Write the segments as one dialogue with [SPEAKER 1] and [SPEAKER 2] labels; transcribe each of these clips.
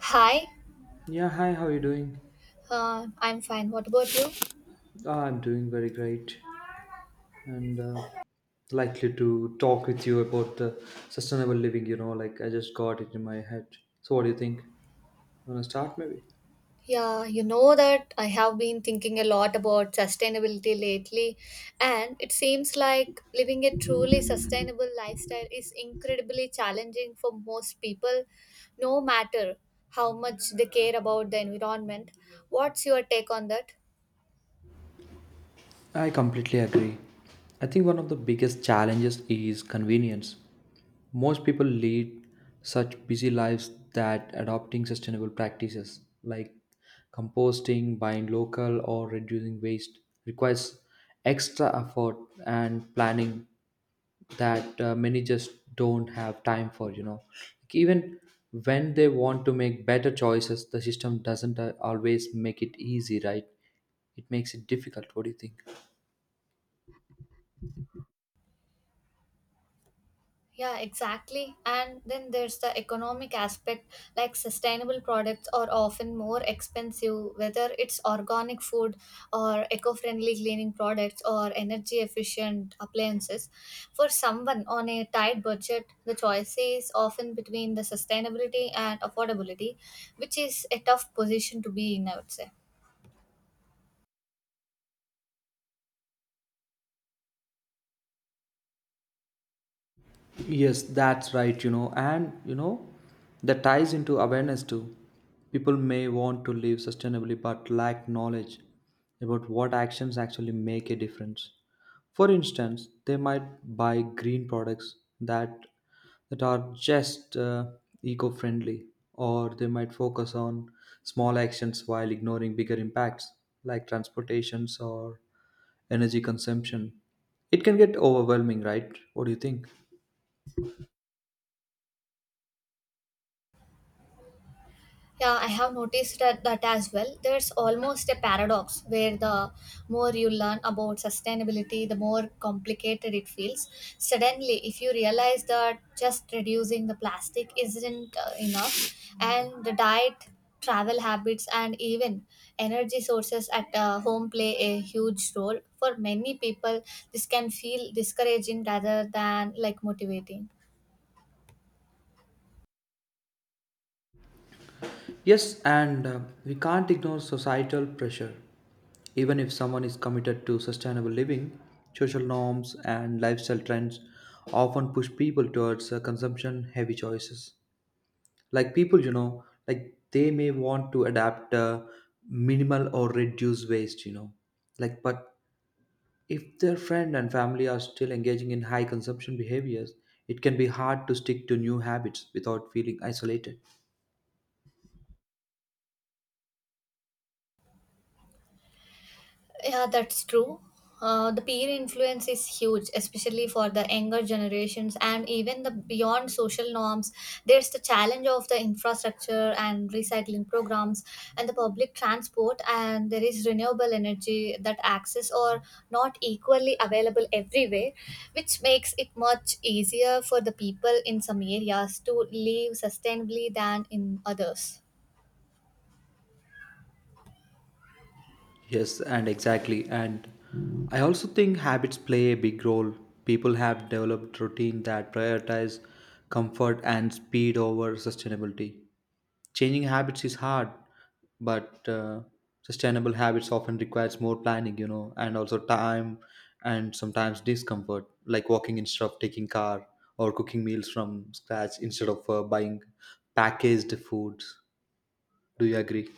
[SPEAKER 1] Hi,
[SPEAKER 2] Yeah, hi, how are you doing?
[SPEAKER 1] I'm fine. What about you?
[SPEAKER 2] Ah, I'm doing very great and likely to talk with you about the sustainable living, you know, like I just got it in my head. So, what do you think? You want to start maybe?
[SPEAKER 1] Yeah, you know that I have been thinking a lot about sustainability lately, and it seems like living a truly sustainable lifestyle is incredibly challenging for most people, no matter how much they care about the environment. What's your take on that?
[SPEAKER 2] I completely agree. I think one of the biggest challenges is convenience. Most people lead such busy lives that adopting sustainable practices like composting, buying local, or reducing waste requires extra effort and planning that many just don't have time for. Like, even when they want to make better choices, the system doesn't always make it easy, right? It makes it difficult. What do you think?
[SPEAKER 1] Yeah, exactly. And then there's the economic aspect, like sustainable products are often more expensive, whether it's organic food or eco friendly cleaning products or energy efficient appliances. For someone on a tight budget, the choice is often between the sustainability and affordability, which is a tough position to be in, I would say.
[SPEAKER 2] Yes, that's right, you know, and you know, that ties into awareness too. People may want to live sustainably but lack knowledge about what actions actually make a difference. For instance, they might buy green products that are just eco-friendly, or they might focus on small actions while ignoring bigger impacts like transportations or energy consumption. It can get overwhelming, right? What do you think?
[SPEAKER 1] Yeah, I have noticed that as well. There's almost a paradox where the more you learn about sustainability, the more complicated it feels. Suddenly, if you realize that just reducing the plastic isn't enough, and the diet, travel habits, and even energy sources at home play a huge role, for many people, this can feel discouraging rather than like motivating.
[SPEAKER 2] Yes, and we can't ignore societal pressure. Even if someone is committed to sustainable living, social norms and lifestyle trends often push people towards consumption heavy choices. Like people, you know, like they may want to adapt minimal or reduce waste, you know. Like, but if their friend and family are still engaging in high consumption behaviors, it can be hard to stick to new habits without feeling isolated.
[SPEAKER 1] Yeah, that's true. The peer influence is huge, especially for the younger generations and even the beyond social norms. There's the challenge of the infrastructure and recycling programs and the public transport, and there is renewable energy that access or not equally available everywhere, which makes it much easier for the people in some areas to live sustainably than in others.
[SPEAKER 2] Yes, and exactly. And I also think habits play a big role. People have developed routine that prioritize comfort and speed over sustainability. Changing habits is hard, but sustainable habits often requires more planning, you know, and also time and sometimes discomfort, like walking instead of taking car or cooking meals from scratch instead of buying packaged foods. Do you agree?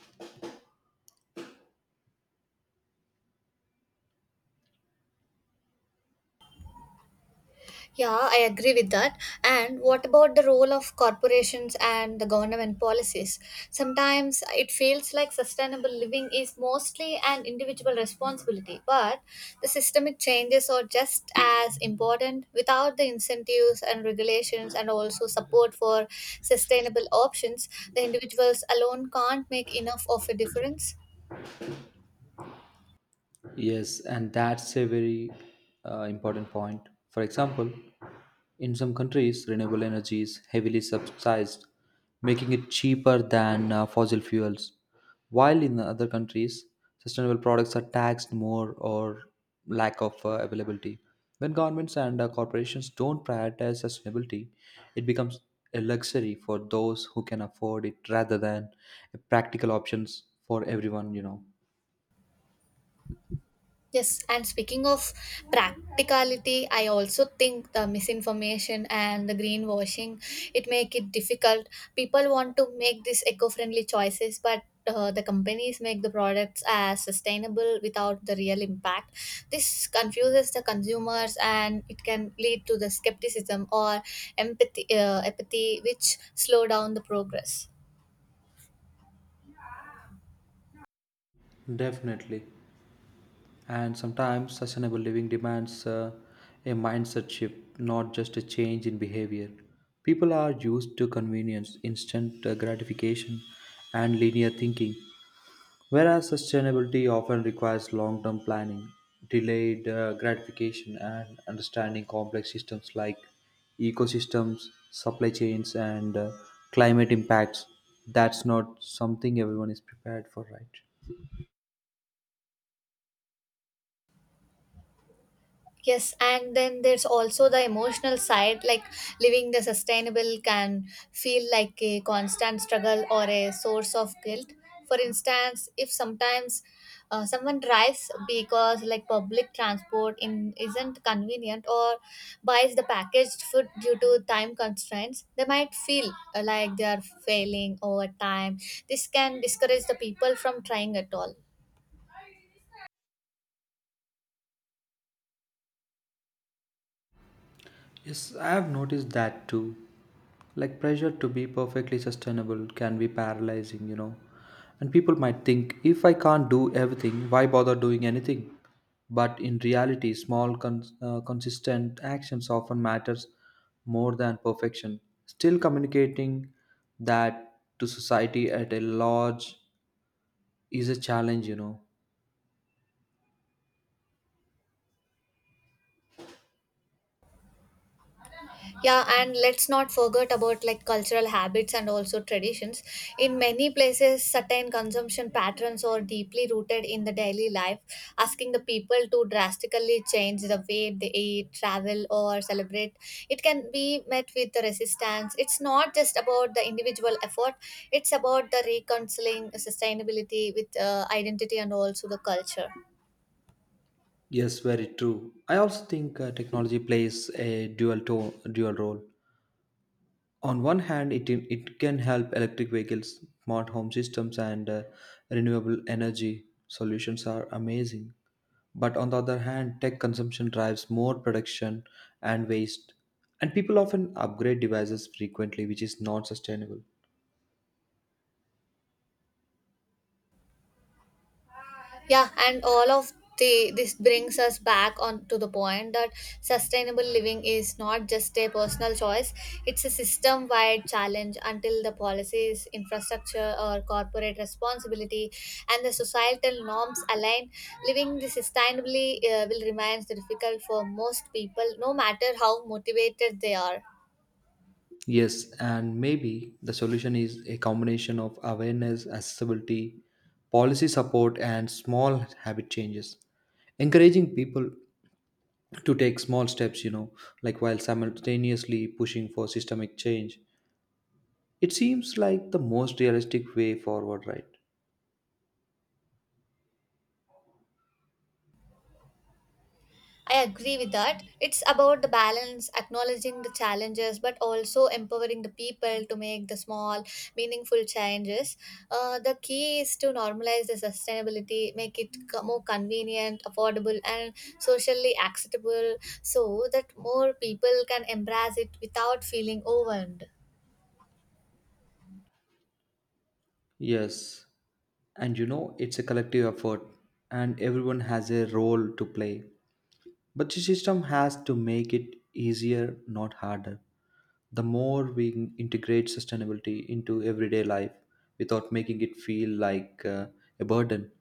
[SPEAKER 1] Yeah, I agree with that. And what about the role of corporations and the government policies? Sometimes it feels like sustainable living is mostly an individual responsibility, but the systemic changes are just as important without the incentives and regulations and also support for sustainable options. The individuals alone can't make enough of a difference.
[SPEAKER 2] Yes, and that's a very important point. For example, in some countries, renewable energy is heavily subsidized, making it cheaper than fossil fuels. While in other countries, sustainable products are taxed more or lack of availability. When governments and corporations don't prioritize sustainability, it becomes a luxury for those who can afford it rather than a practical options for everyone, you know.
[SPEAKER 1] Yes, and speaking of practicality, I also think the misinformation and the greenwashing it make it difficult. People want to make these eco-friendly choices, but the companies make the products as sustainable without the real impact. This confuses the consumers, and it can lead to the skepticism or apathy, which slow down the progress.
[SPEAKER 2] Definitely. And sometimes sustainable living demands a mindset shift, not just a change in behavior. People are used to convenience, instant gratification, and linear thinking, whereas sustainability often requires long term planning, delayed gratification, and understanding complex systems like ecosystems, supply chains, and climate impacts. That's not something everyone is prepared for, right?
[SPEAKER 1] Yes, and then there's also the emotional side, like living the sustainable can feel like a constant struggle or a source of guilt. For instance, if sometimes someone drives because like public transport in isn't convenient or buys the packaged food due to time constraints, they might feel like they are failing over time. This can discourage the people from trying at all.
[SPEAKER 2] Yes, I have noticed that too. Like pressure to be perfectly sustainable can be paralyzing, you know. And people might think, if I can't do everything, why bother doing anything? But in reality, small, consistent actions often matters more than perfection. Still, communicating that to society at a large is a challenge, you know.
[SPEAKER 1] Yeah, and let's not forget about like cultural habits and also traditions. In many places, certain consumption patterns are deeply rooted in the daily life, asking the people to drastically change the way they eat, travel, or celebrate. It can be met with resistance. It's not just about the individual effort, it's about the reconciling sustainability with identity and also the culture.
[SPEAKER 2] Yes, very true. I also think technology plays a dual role. On one hand, it can help electric vehicles, smart home systems, and renewable energy solutions are amazing. But on the other hand, tech consumption drives more production and waste, and people often upgrade devices frequently, which is not sustainable.
[SPEAKER 1] Yeah, and all of the this brings us back on to the point that sustainable living is not just a personal choice. It's a system wide challenge. Until the policies, infrastructure, or corporate responsibility and the societal norms align, living this sustainably will remain difficult for most people, no matter how motivated they are.
[SPEAKER 2] Yes, and maybe the solution is a combination of awareness, accessibility, policy support, and small habit changes. Encouraging people to take small steps, you know, like while simultaneously pushing for systemic change. It seems like the most realistic way forward, right?
[SPEAKER 1] I agree with that. It's about the balance, acknowledging the challenges, but also empowering the people to make the small, meaningful changes. The key is to normalize the sustainability, make it more convenient, affordable, and socially acceptable so that more people can embrace it without feeling overwhelmed.
[SPEAKER 2] Yes. And you know, it's a collective effort and everyone has a role to play. But the system has to make it easier, not harder. The more we integrate sustainability into everyday life without making it feel like a burden,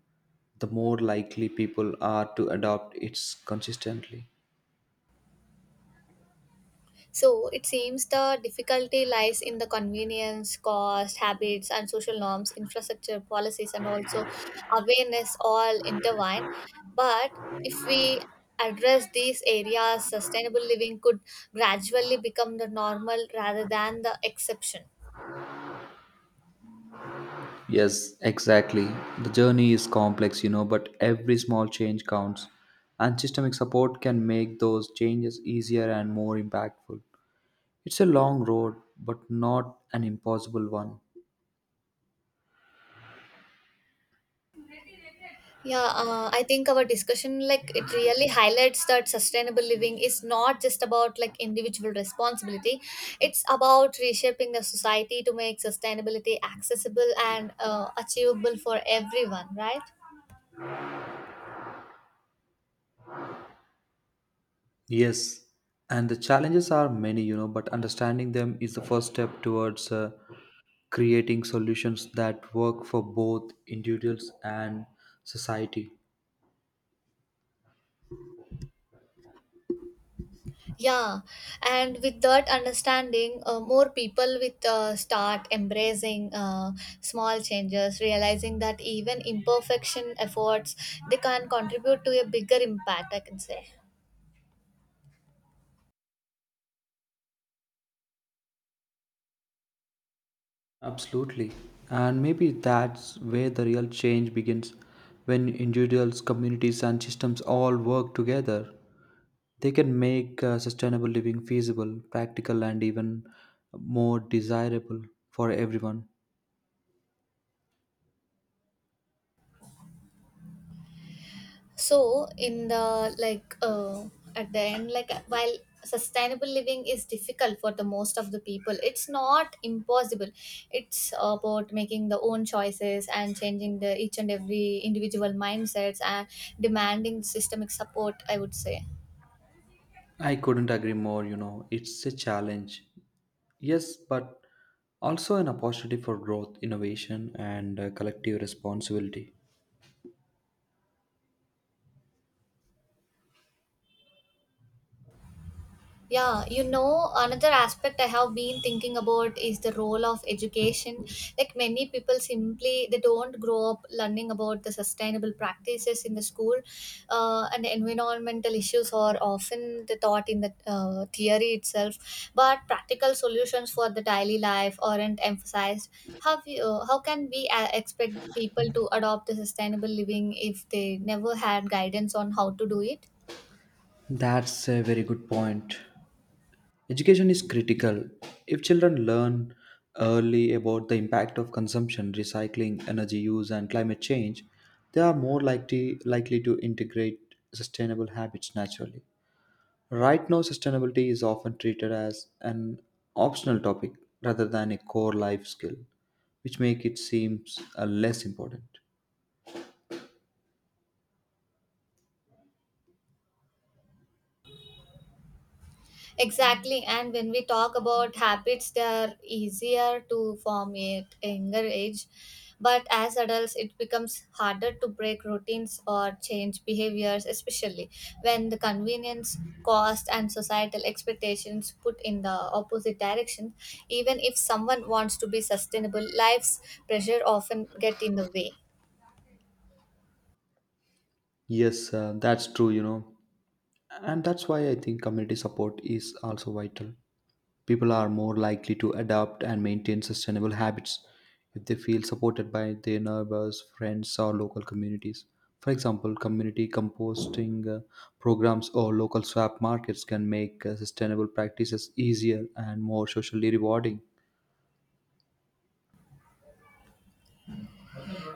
[SPEAKER 2] the more likely people are to adopt it consistently.
[SPEAKER 1] So it seems the difficulty lies in the convenience, cost, habits, and social norms, infrastructure, policies, and also awareness all intertwine. But if we address these areas, sustainable living could gradually become the normal rather than the exception.
[SPEAKER 2] Yes, exactly. The journey is complex, you know, but every small change counts. And systemic support can make those changes easier and more impactful. It's a long road, but not an impossible one.
[SPEAKER 1] Yeah, I think our discussion like it really highlights that sustainable living is not just about like individual responsibility. It's about reshaping the society to make sustainability accessible and achievable for everyone, right?
[SPEAKER 2] Yes, and the challenges are many, you know, but understanding them is the first step towards creating solutions that work for both individuals and society.
[SPEAKER 1] Yeah, and with that understanding, more people with start embracing small changes, realizing that even imperfection efforts they can contribute to a bigger impact, I can say.
[SPEAKER 2] Absolutely. And maybe that's where the real change begins when individuals, communities, and systems all work together. They can make sustainable living feasible, practical, and even more desirable for everyone.
[SPEAKER 1] So in the like at the end, like, while sustainable living is difficult for the most of the people, it's not impossible. It's about making the own choices and changing the each and every individual mindsets and demanding systemic support, I would say.
[SPEAKER 2] I couldn't agree more, you know, it's a challenge. Yes, but also an opportunity for growth, innovation, and collective responsibility.
[SPEAKER 1] Yeah, another aspect I have been thinking about is the role of education. Like many people simply they don't grow up learning about the sustainable practices in the school, and environmental issues are often the thought in the theory itself, but practical solutions for the daily life aren't emphasized. How can we expect people to adopt the sustainable living if they never had guidance on how to do it?
[SPEAKER 2] That's a very good point. Education is critical. If children learn early about the impact of consumption, recycling, energy use, and climate change, they are more likely to integrate sustainable habits naturally. Right now, sustainability is often treated as an optional topic rather than a core life skill, which makes it seems less important.
[SPEAKER 1] Exactly, and when we talk about habits, they are easier to form at younger age, but as adults, it becomes harder to break routines or change behaviors, especially when the convenience, cost, and societal expectations put in the opposite direction. Even if someone wants to be sustainable, life's pressure often get in the way.
[SPEAKER 2] Yes, that's true, you know, and that's why I think community support is also vital. People are more likely to adopt and maintain sustainable habits if they feel supported by their neighbors, friends, or local communities. For example, community composting programs or local swap markets can make sustainable practices easier and more socially rewarding.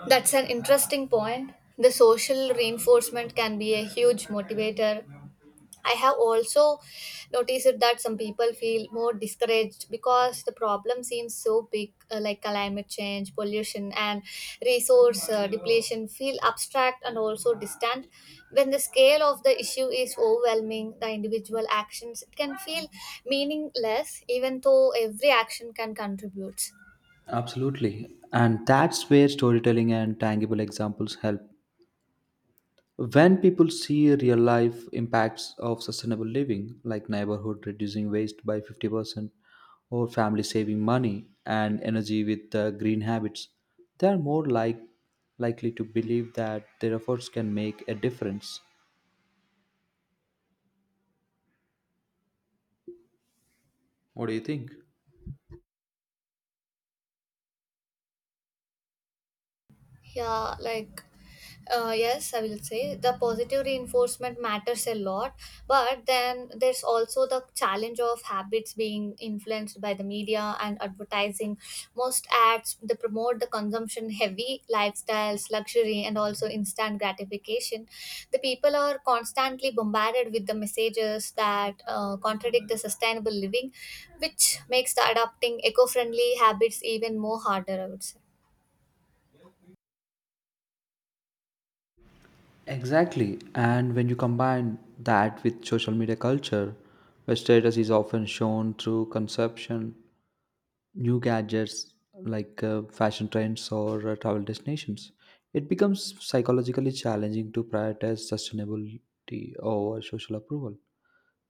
[SPEAKER 1] That's an interesting point. The social reinforcement can be a huge motivator. I have also noticed that some people feel more discouraged because the problem seems so big, like climate change, pollution, and resource depletion feel abstract and also distant. When the scale of the issue is overwhelming, the individual actions it can feel meaningless, even though every action can contribute.
[SPEAKER 2] Absolutely. And that's where storytelling and tangible examples help. When people see real life impacts of sustainable living, like neighborhood reducing waste by 50% or family saving money and energy with green habits, they are likely to believe that their efforts can make a difference. What do you think?
[SPEAKER 1] Yeah, like, yes, I will say the positive reinforcement matters a lot, but then there's also the challenge of habits being influenced by the media and advertising. Most ads they promote the consumption heavy lifestyles, luxury, and also instant gratification. The people are constantly bombarded with the messages that contradict the sustainable living, which makes the adopting eco friendly habits even more harder, I would say.
[SPEAKER 2] Exactly. And when you combine that with social media culture, where status is often shown through consumption new gadgets like fashion trends or travel destinations, it becomes psychologically challenging to prioritize sustainability over social approval.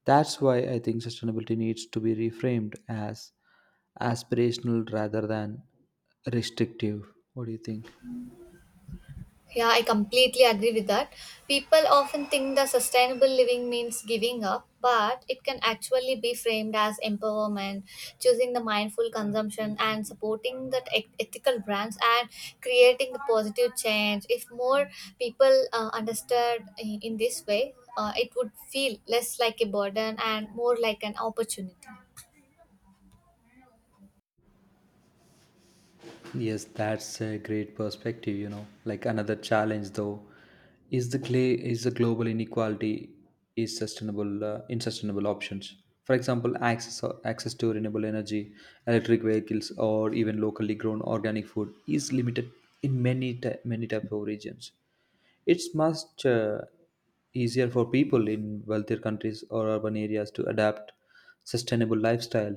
[SPEAKER 2] That's why I think sustainability needs to be reframed as aspirational rather than restrictive. What do you think?
[SPEAKER 1] Yeah, I completely agree with that. People often think that sustainable living means giving up, but it can actually be framed as empowerment, choosing the mindful consumption, and supporting that ethical brands and creating the positive change. If more people understood in this way, it would feel less like a burden and more like an opportunity.
[SPEAKER 2] Yes, that's a great perspective, you know. Like, another challenge though is the global inequality is sustainable in sustainable options. For example, access to renewable energy, electric vehicles or even locally grown organic food is limited in many type of regions. It's much easier for people in wealthier countries or urban areas to adapt sustainable lifestyle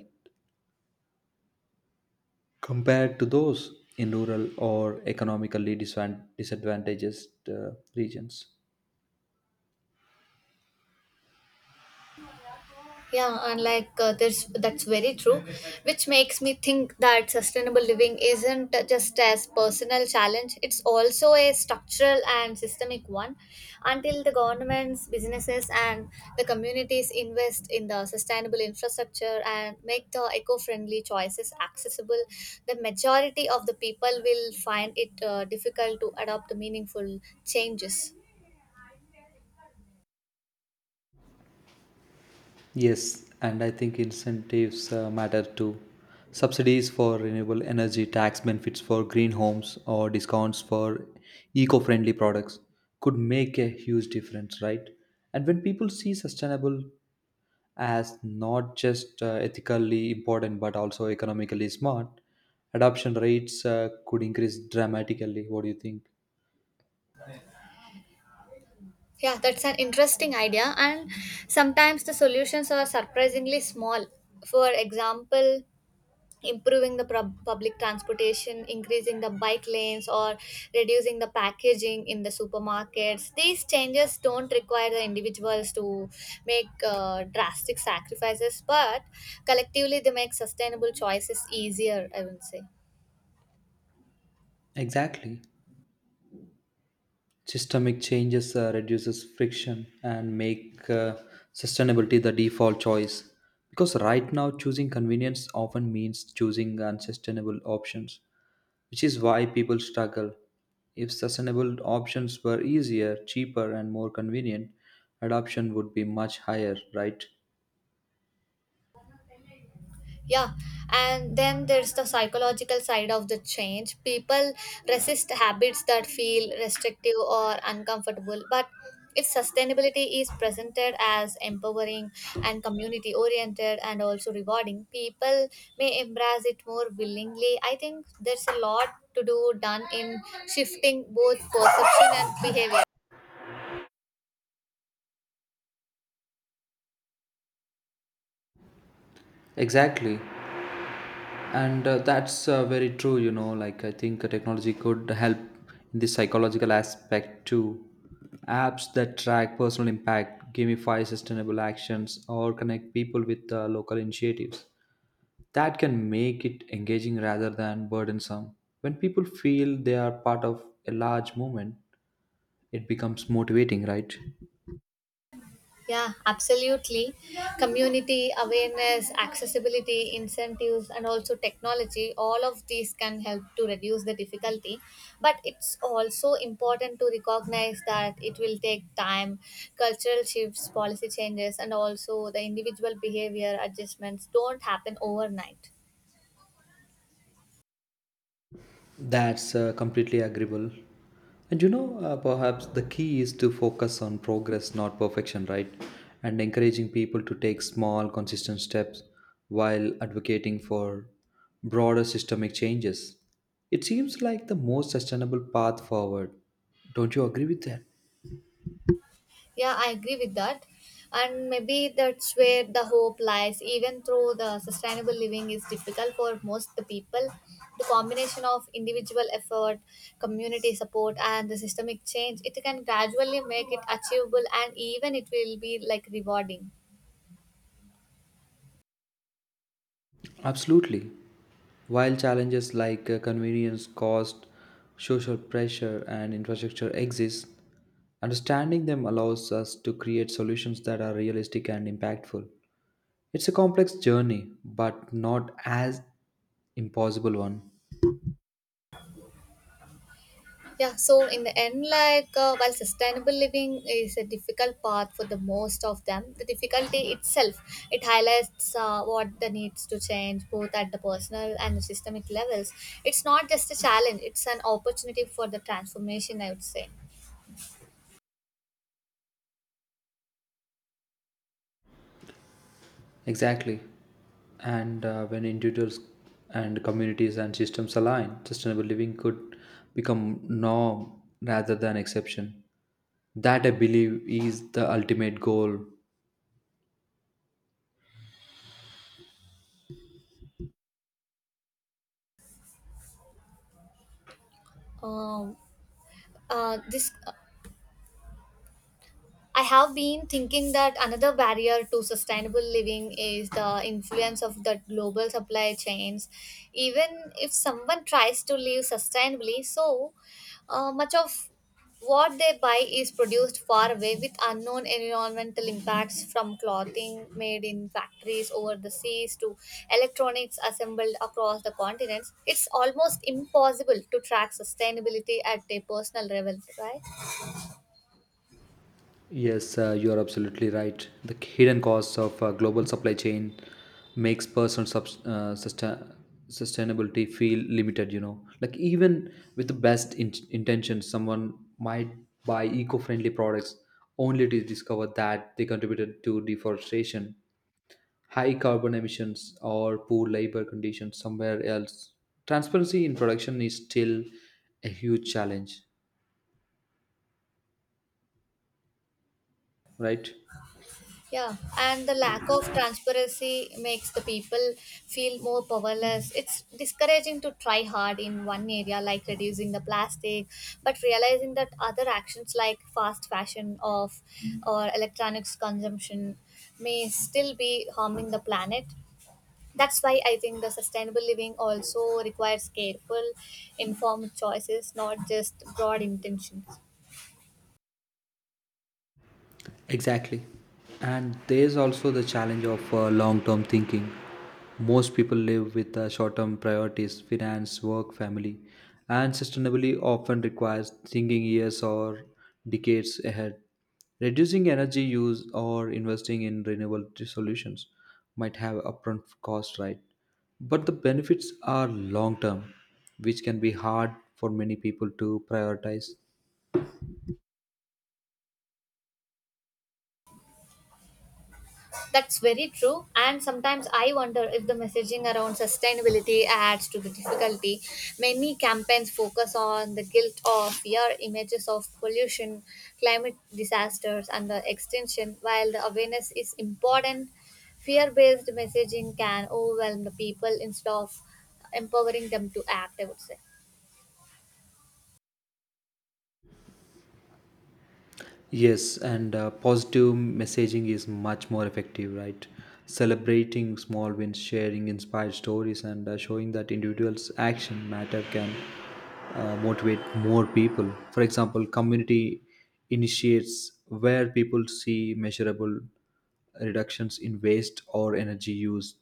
[SPEAKER 2] compared to those in rural or economically disadvantaged regions.
[SPEAKER 1] Yeah, and like there's that's very true, which makes me think that sustainable living isn't just as personal challenge; it's also a structural and systemic one. Until the governments, businesses, and the communities invest in the sustainable infrastructure and make the eco-friendly choices accessible, the majority of the people will find it difficult to adopt the meaningful changes.
[SPEAKER 2] Yes, and I think incentives matter too. Subsidies for renewable energy, tax benefits for green homes, or discounts for eco friendly products could make a huge difference, right? And when people see sustainable as not just ethically important but also economically smart, adoption rates could increase dramatically. What do you think?
[SPEAKER 1] Yeah, that's an interesting idea. And sometimes the solutions are surprisingly small. For example, improving the public transportation, increasing the bike lanes, or reducing the packaging in the supermarkets. These changes don't require the individuals to make drastic sacrifices, but collectively they make sustainable choices easier, I would say.
[SPEAKER 2] Exactly. Systemic changes reduces friction and make sustainability the default choice. Because right now, choosing convenience often means choosing unsustainable options, which is why people struggle. If sustainable options were easier, cheaper, and more convenient, adoption would be much higher, right?
[SPEAKER 1] Yeah, and then there's the psychological side of the change. People resist habits that feel restrictive or uncomfortable, but its sustainability is presented as empowering and community oriented and also rewarding. People may embrace it more willingly. I think there's a lot to do done in shifting both perception and behavior.
[SPEAKER 2] Exactly. And that's very true, you know. Like, I think technology could help in the psychological aspect too. Apps that track personal impact, gamify sustainable actions, or connect people with local initiatives. That can make it engaging rather than burdensome. When people feel they are part of a large movement, it becomes motivating, right?
[SPEAKER 1] Yeah, absolutely. Community awareness, accessibility, incentives, and also technology, all of these can help to reduce the difficulty. But it's also important to recognize that it will take time. Cultural shifts, policy changes, and also the individual behavior adjustments don't happen overnight.
[SPEAKER 2] That's completely agreeable. And you know, perhaps the key is to focus on progress, not perfection, right? And encouraging people to take small, consistent steps while advocating for broader systemic changes. It seems like the most sustainable path forward. Don't you agree with that?
[SPEAKER 1] Yeah, I agree with that. And maybe that's where the hope lies. Even though the sustainable living is difficult for most the people, the combination of individual effort, community support, and the systemic change, it can gradually make it achievable and even it will be like rewarding.
[SPEAKER 2] Absolutely. While challenges like convenience, cost, social pressure, and infrastructure exist, understanding them allows us to create solutions that are realistic and impactful. It's a complex journey, but not as impossible one.
[SPEAKER 1] Yeah, so in the end, like while sustainable living is a difficult path for the most of them, the difficulty itself it highlights what the needs to change both at the personal and the systemic levels. It's not just a challenge; it's an opportunity for the transformation, I would say.
[SPEAKER 2] Exactly. And when individuals and communities and systems align, sustainable living could become norm rather than exception. That I believe is the ultimate goal.
[SPEAKER 1] Um, this I have been thinking that another barrier to sustainable living is the influence of the global supply chains. Even if someone tries to live sustainably, so much of what they buy is produced far away with unknown environmental impacts from clothing made in factories over the seas to electronics assembled across the continents. It's almost impossible to track sustainability at a personal level, right?
[SPEAKER 2] Yes, you are absolutely right. The hidden costs of global supply chain makes personal sustainability feel limited. You know, like even with the best intentions, someone might buy eco-friendly products only to discover that they contributed to deforestation, high carbon emissions, or poor labor conditions somewhere else. Transparency in production is still a huge challenge, right?
[SPEAKER 1] Yeah, and the lack of transparency makes the people feel more powerless. It's discouraging to try hard in one area, like reducing the plastic, but realizing that other actions like fast fashion of or electronics consumption may still be harming the planet. That's why I think the sustainable living also requires careful, informed choices, not just broad intentions.
[SPEAKER 2] Exactly. And there's also the challenge of long term thinking. Most people live with short term priorities, finance, work, family, and sustainability often requires thinking years or decades ahead. Reducing energy use or investing in renewable solutions might have upfront cost, right? But the benefits are long term, which can be hard for many people to prioritize.
[SPEAKER 1] That's very true. And sometimes I wonder if the messaging around sustainability adds to the difficulty. Many campaigns focus on the guilt of fear, images of pollution, climate disasters, and the extinction. While the awareness is important, fear based messaging can overwhelm the people instead of empowering them to act, I would say.
[SPEAKER 2] Yes, and positive messaging is much more effective, right? Celebrating small wins, sharing inspired stories, and showing that individuals' action matter can motivate more people. For example, community initiates where people see measurable reductions in waste or energy use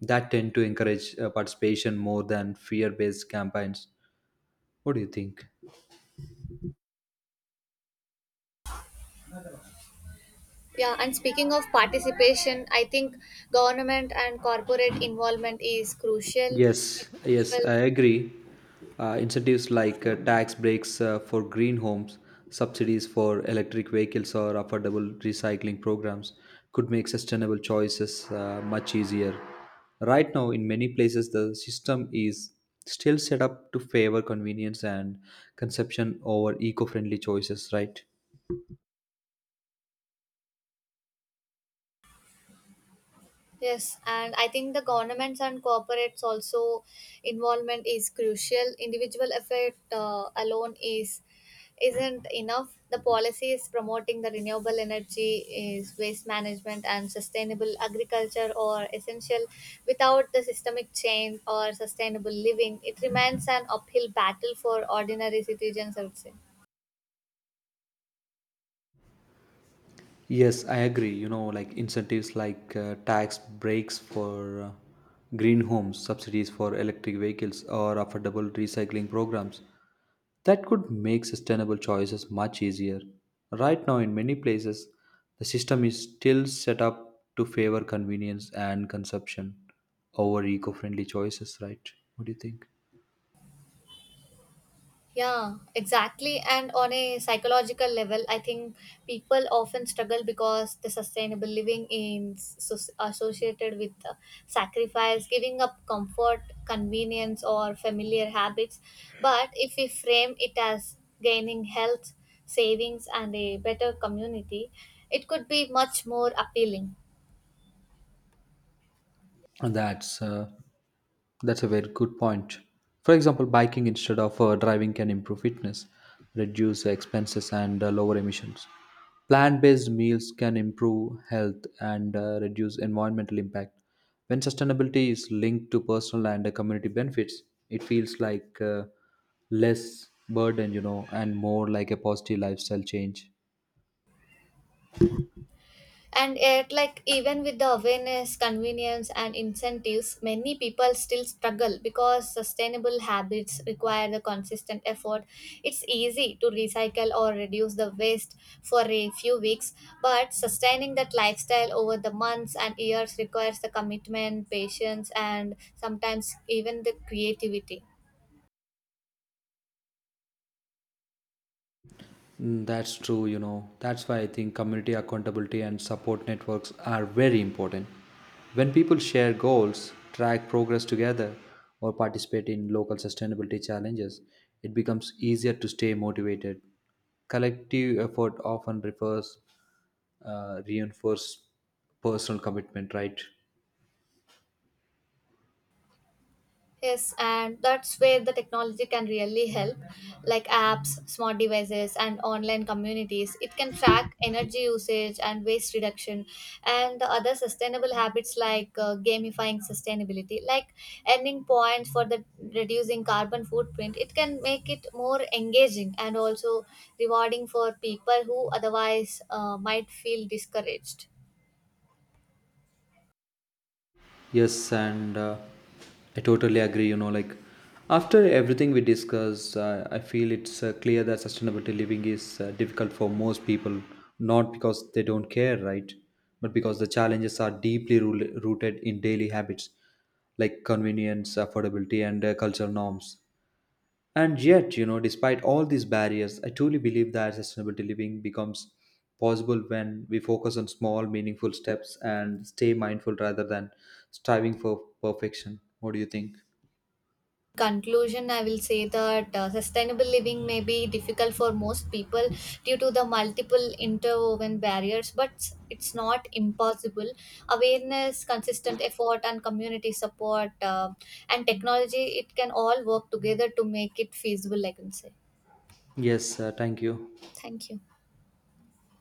[SPEAKER 2] that tend to encourage participation more than fear-based campaigns. What do you think?
[SPEAKER 1] Yeah, and speaking of participation, I think government and corporate involvement is crucial.
[SPEAKER 2] Yes, yes,
[SPEAKER 1] Individual
[SPEAKER 2] I agree. Incentives like tax breaks for green homes, subsidies for electric vehicles, or affordable recycling programs could make sustainable choices much easier. Right now, in many places, the system is still set up to favor convenience and consumption over eco friendly choices, right?
[SPEAKER 1] Yes, and I think the governments and corporates also involvement is crucial. Individual effort alone is isn't enough. The policies promoting the renewable energy is waste management and sustainable agriculture are essential. Without the systemic change or sustainable living, it remains an uphill battle for ordinary citizens, I would say.
[SPEAKER 2] Yes, I agree. You know, like incentives like tax breaks for green homes, subsidies for electric vehicles, or affordable recycling programs. That could make sustainable choices much easier. Right now, in many places, the system is still set up to favor convenience and consumption over eco friendly choices, right? What do you think?
[SPEAKER 1] Yeah, exactly. And on a psychological level, I think people often struggle because the sustainable living is associated with sacrifice, giving up comfort, convenience, or familiar habits. But if we frame it as gaining health, savings, and a better community, it could be much more appealing.
[SPEAKER 2] And that's a very good point. For example, biking instead of driving can improve fitness, reduce expenses, and lower emissions. Plant-based meals can improve health and reduce environmental impact. When sustainability is linked to personal and community benefits, it feels like less burden, you know, and more like a positive lifestyle change.
[SPEAKER 1] And yet, like, even with the awareness, convenience, and incentives, many people still struggle because sustainable habits require the consistent effort. It's easy to recycle or reduce the waste for a few weeks, but sustaining that lifestyle over the months and years requires the commitment, patience, and sometimes even the creativity.
[SPEAKER 2] Mm, that's true, you know. That's why I think community accountability and support networks are very important. When people share goals, track progress together, or participate in local sustainability challenges, it becomes easier to stay motivated. Collective effort often reinforce personal commitment, right?
[SPEAKER 1] Yes, and that's where the technology can really help, like apps, smart devices, and online communities. It can track energy usage and waste reduction, and the other sustainable habits like gamifying sustainability, like earning points for the reducing carbon footprint. It can make it more engaging and also rewarding for people who otherwise might feel discouraged.
[SPEAKER 2] Yes, and I totally agree. You know, like after everything we discussed, I feel it's clear that sustainability living is difficult for most people, not because they don't care, right? But because the challenges are deeply rooted in daily habits like convenience, affordability, and cultural norms. And yet, you know, despite all these barriers, I truly believe that sustainability living becomes possible when we focus on small, meaningful steps and stay mindful rather than striving for perfection. What do you think?
[SPEAKER 1] Conclusion, I will say that sustainable living may be difficult for most people due to the multiple interwoven barriers, but it's not impossible. Awareness, consistent effort, and community support and technology, it can all work together to make it feasible, I can say.
[SPEAKER 2] Yes, thank you.
[SPEAKER 1] Thank you.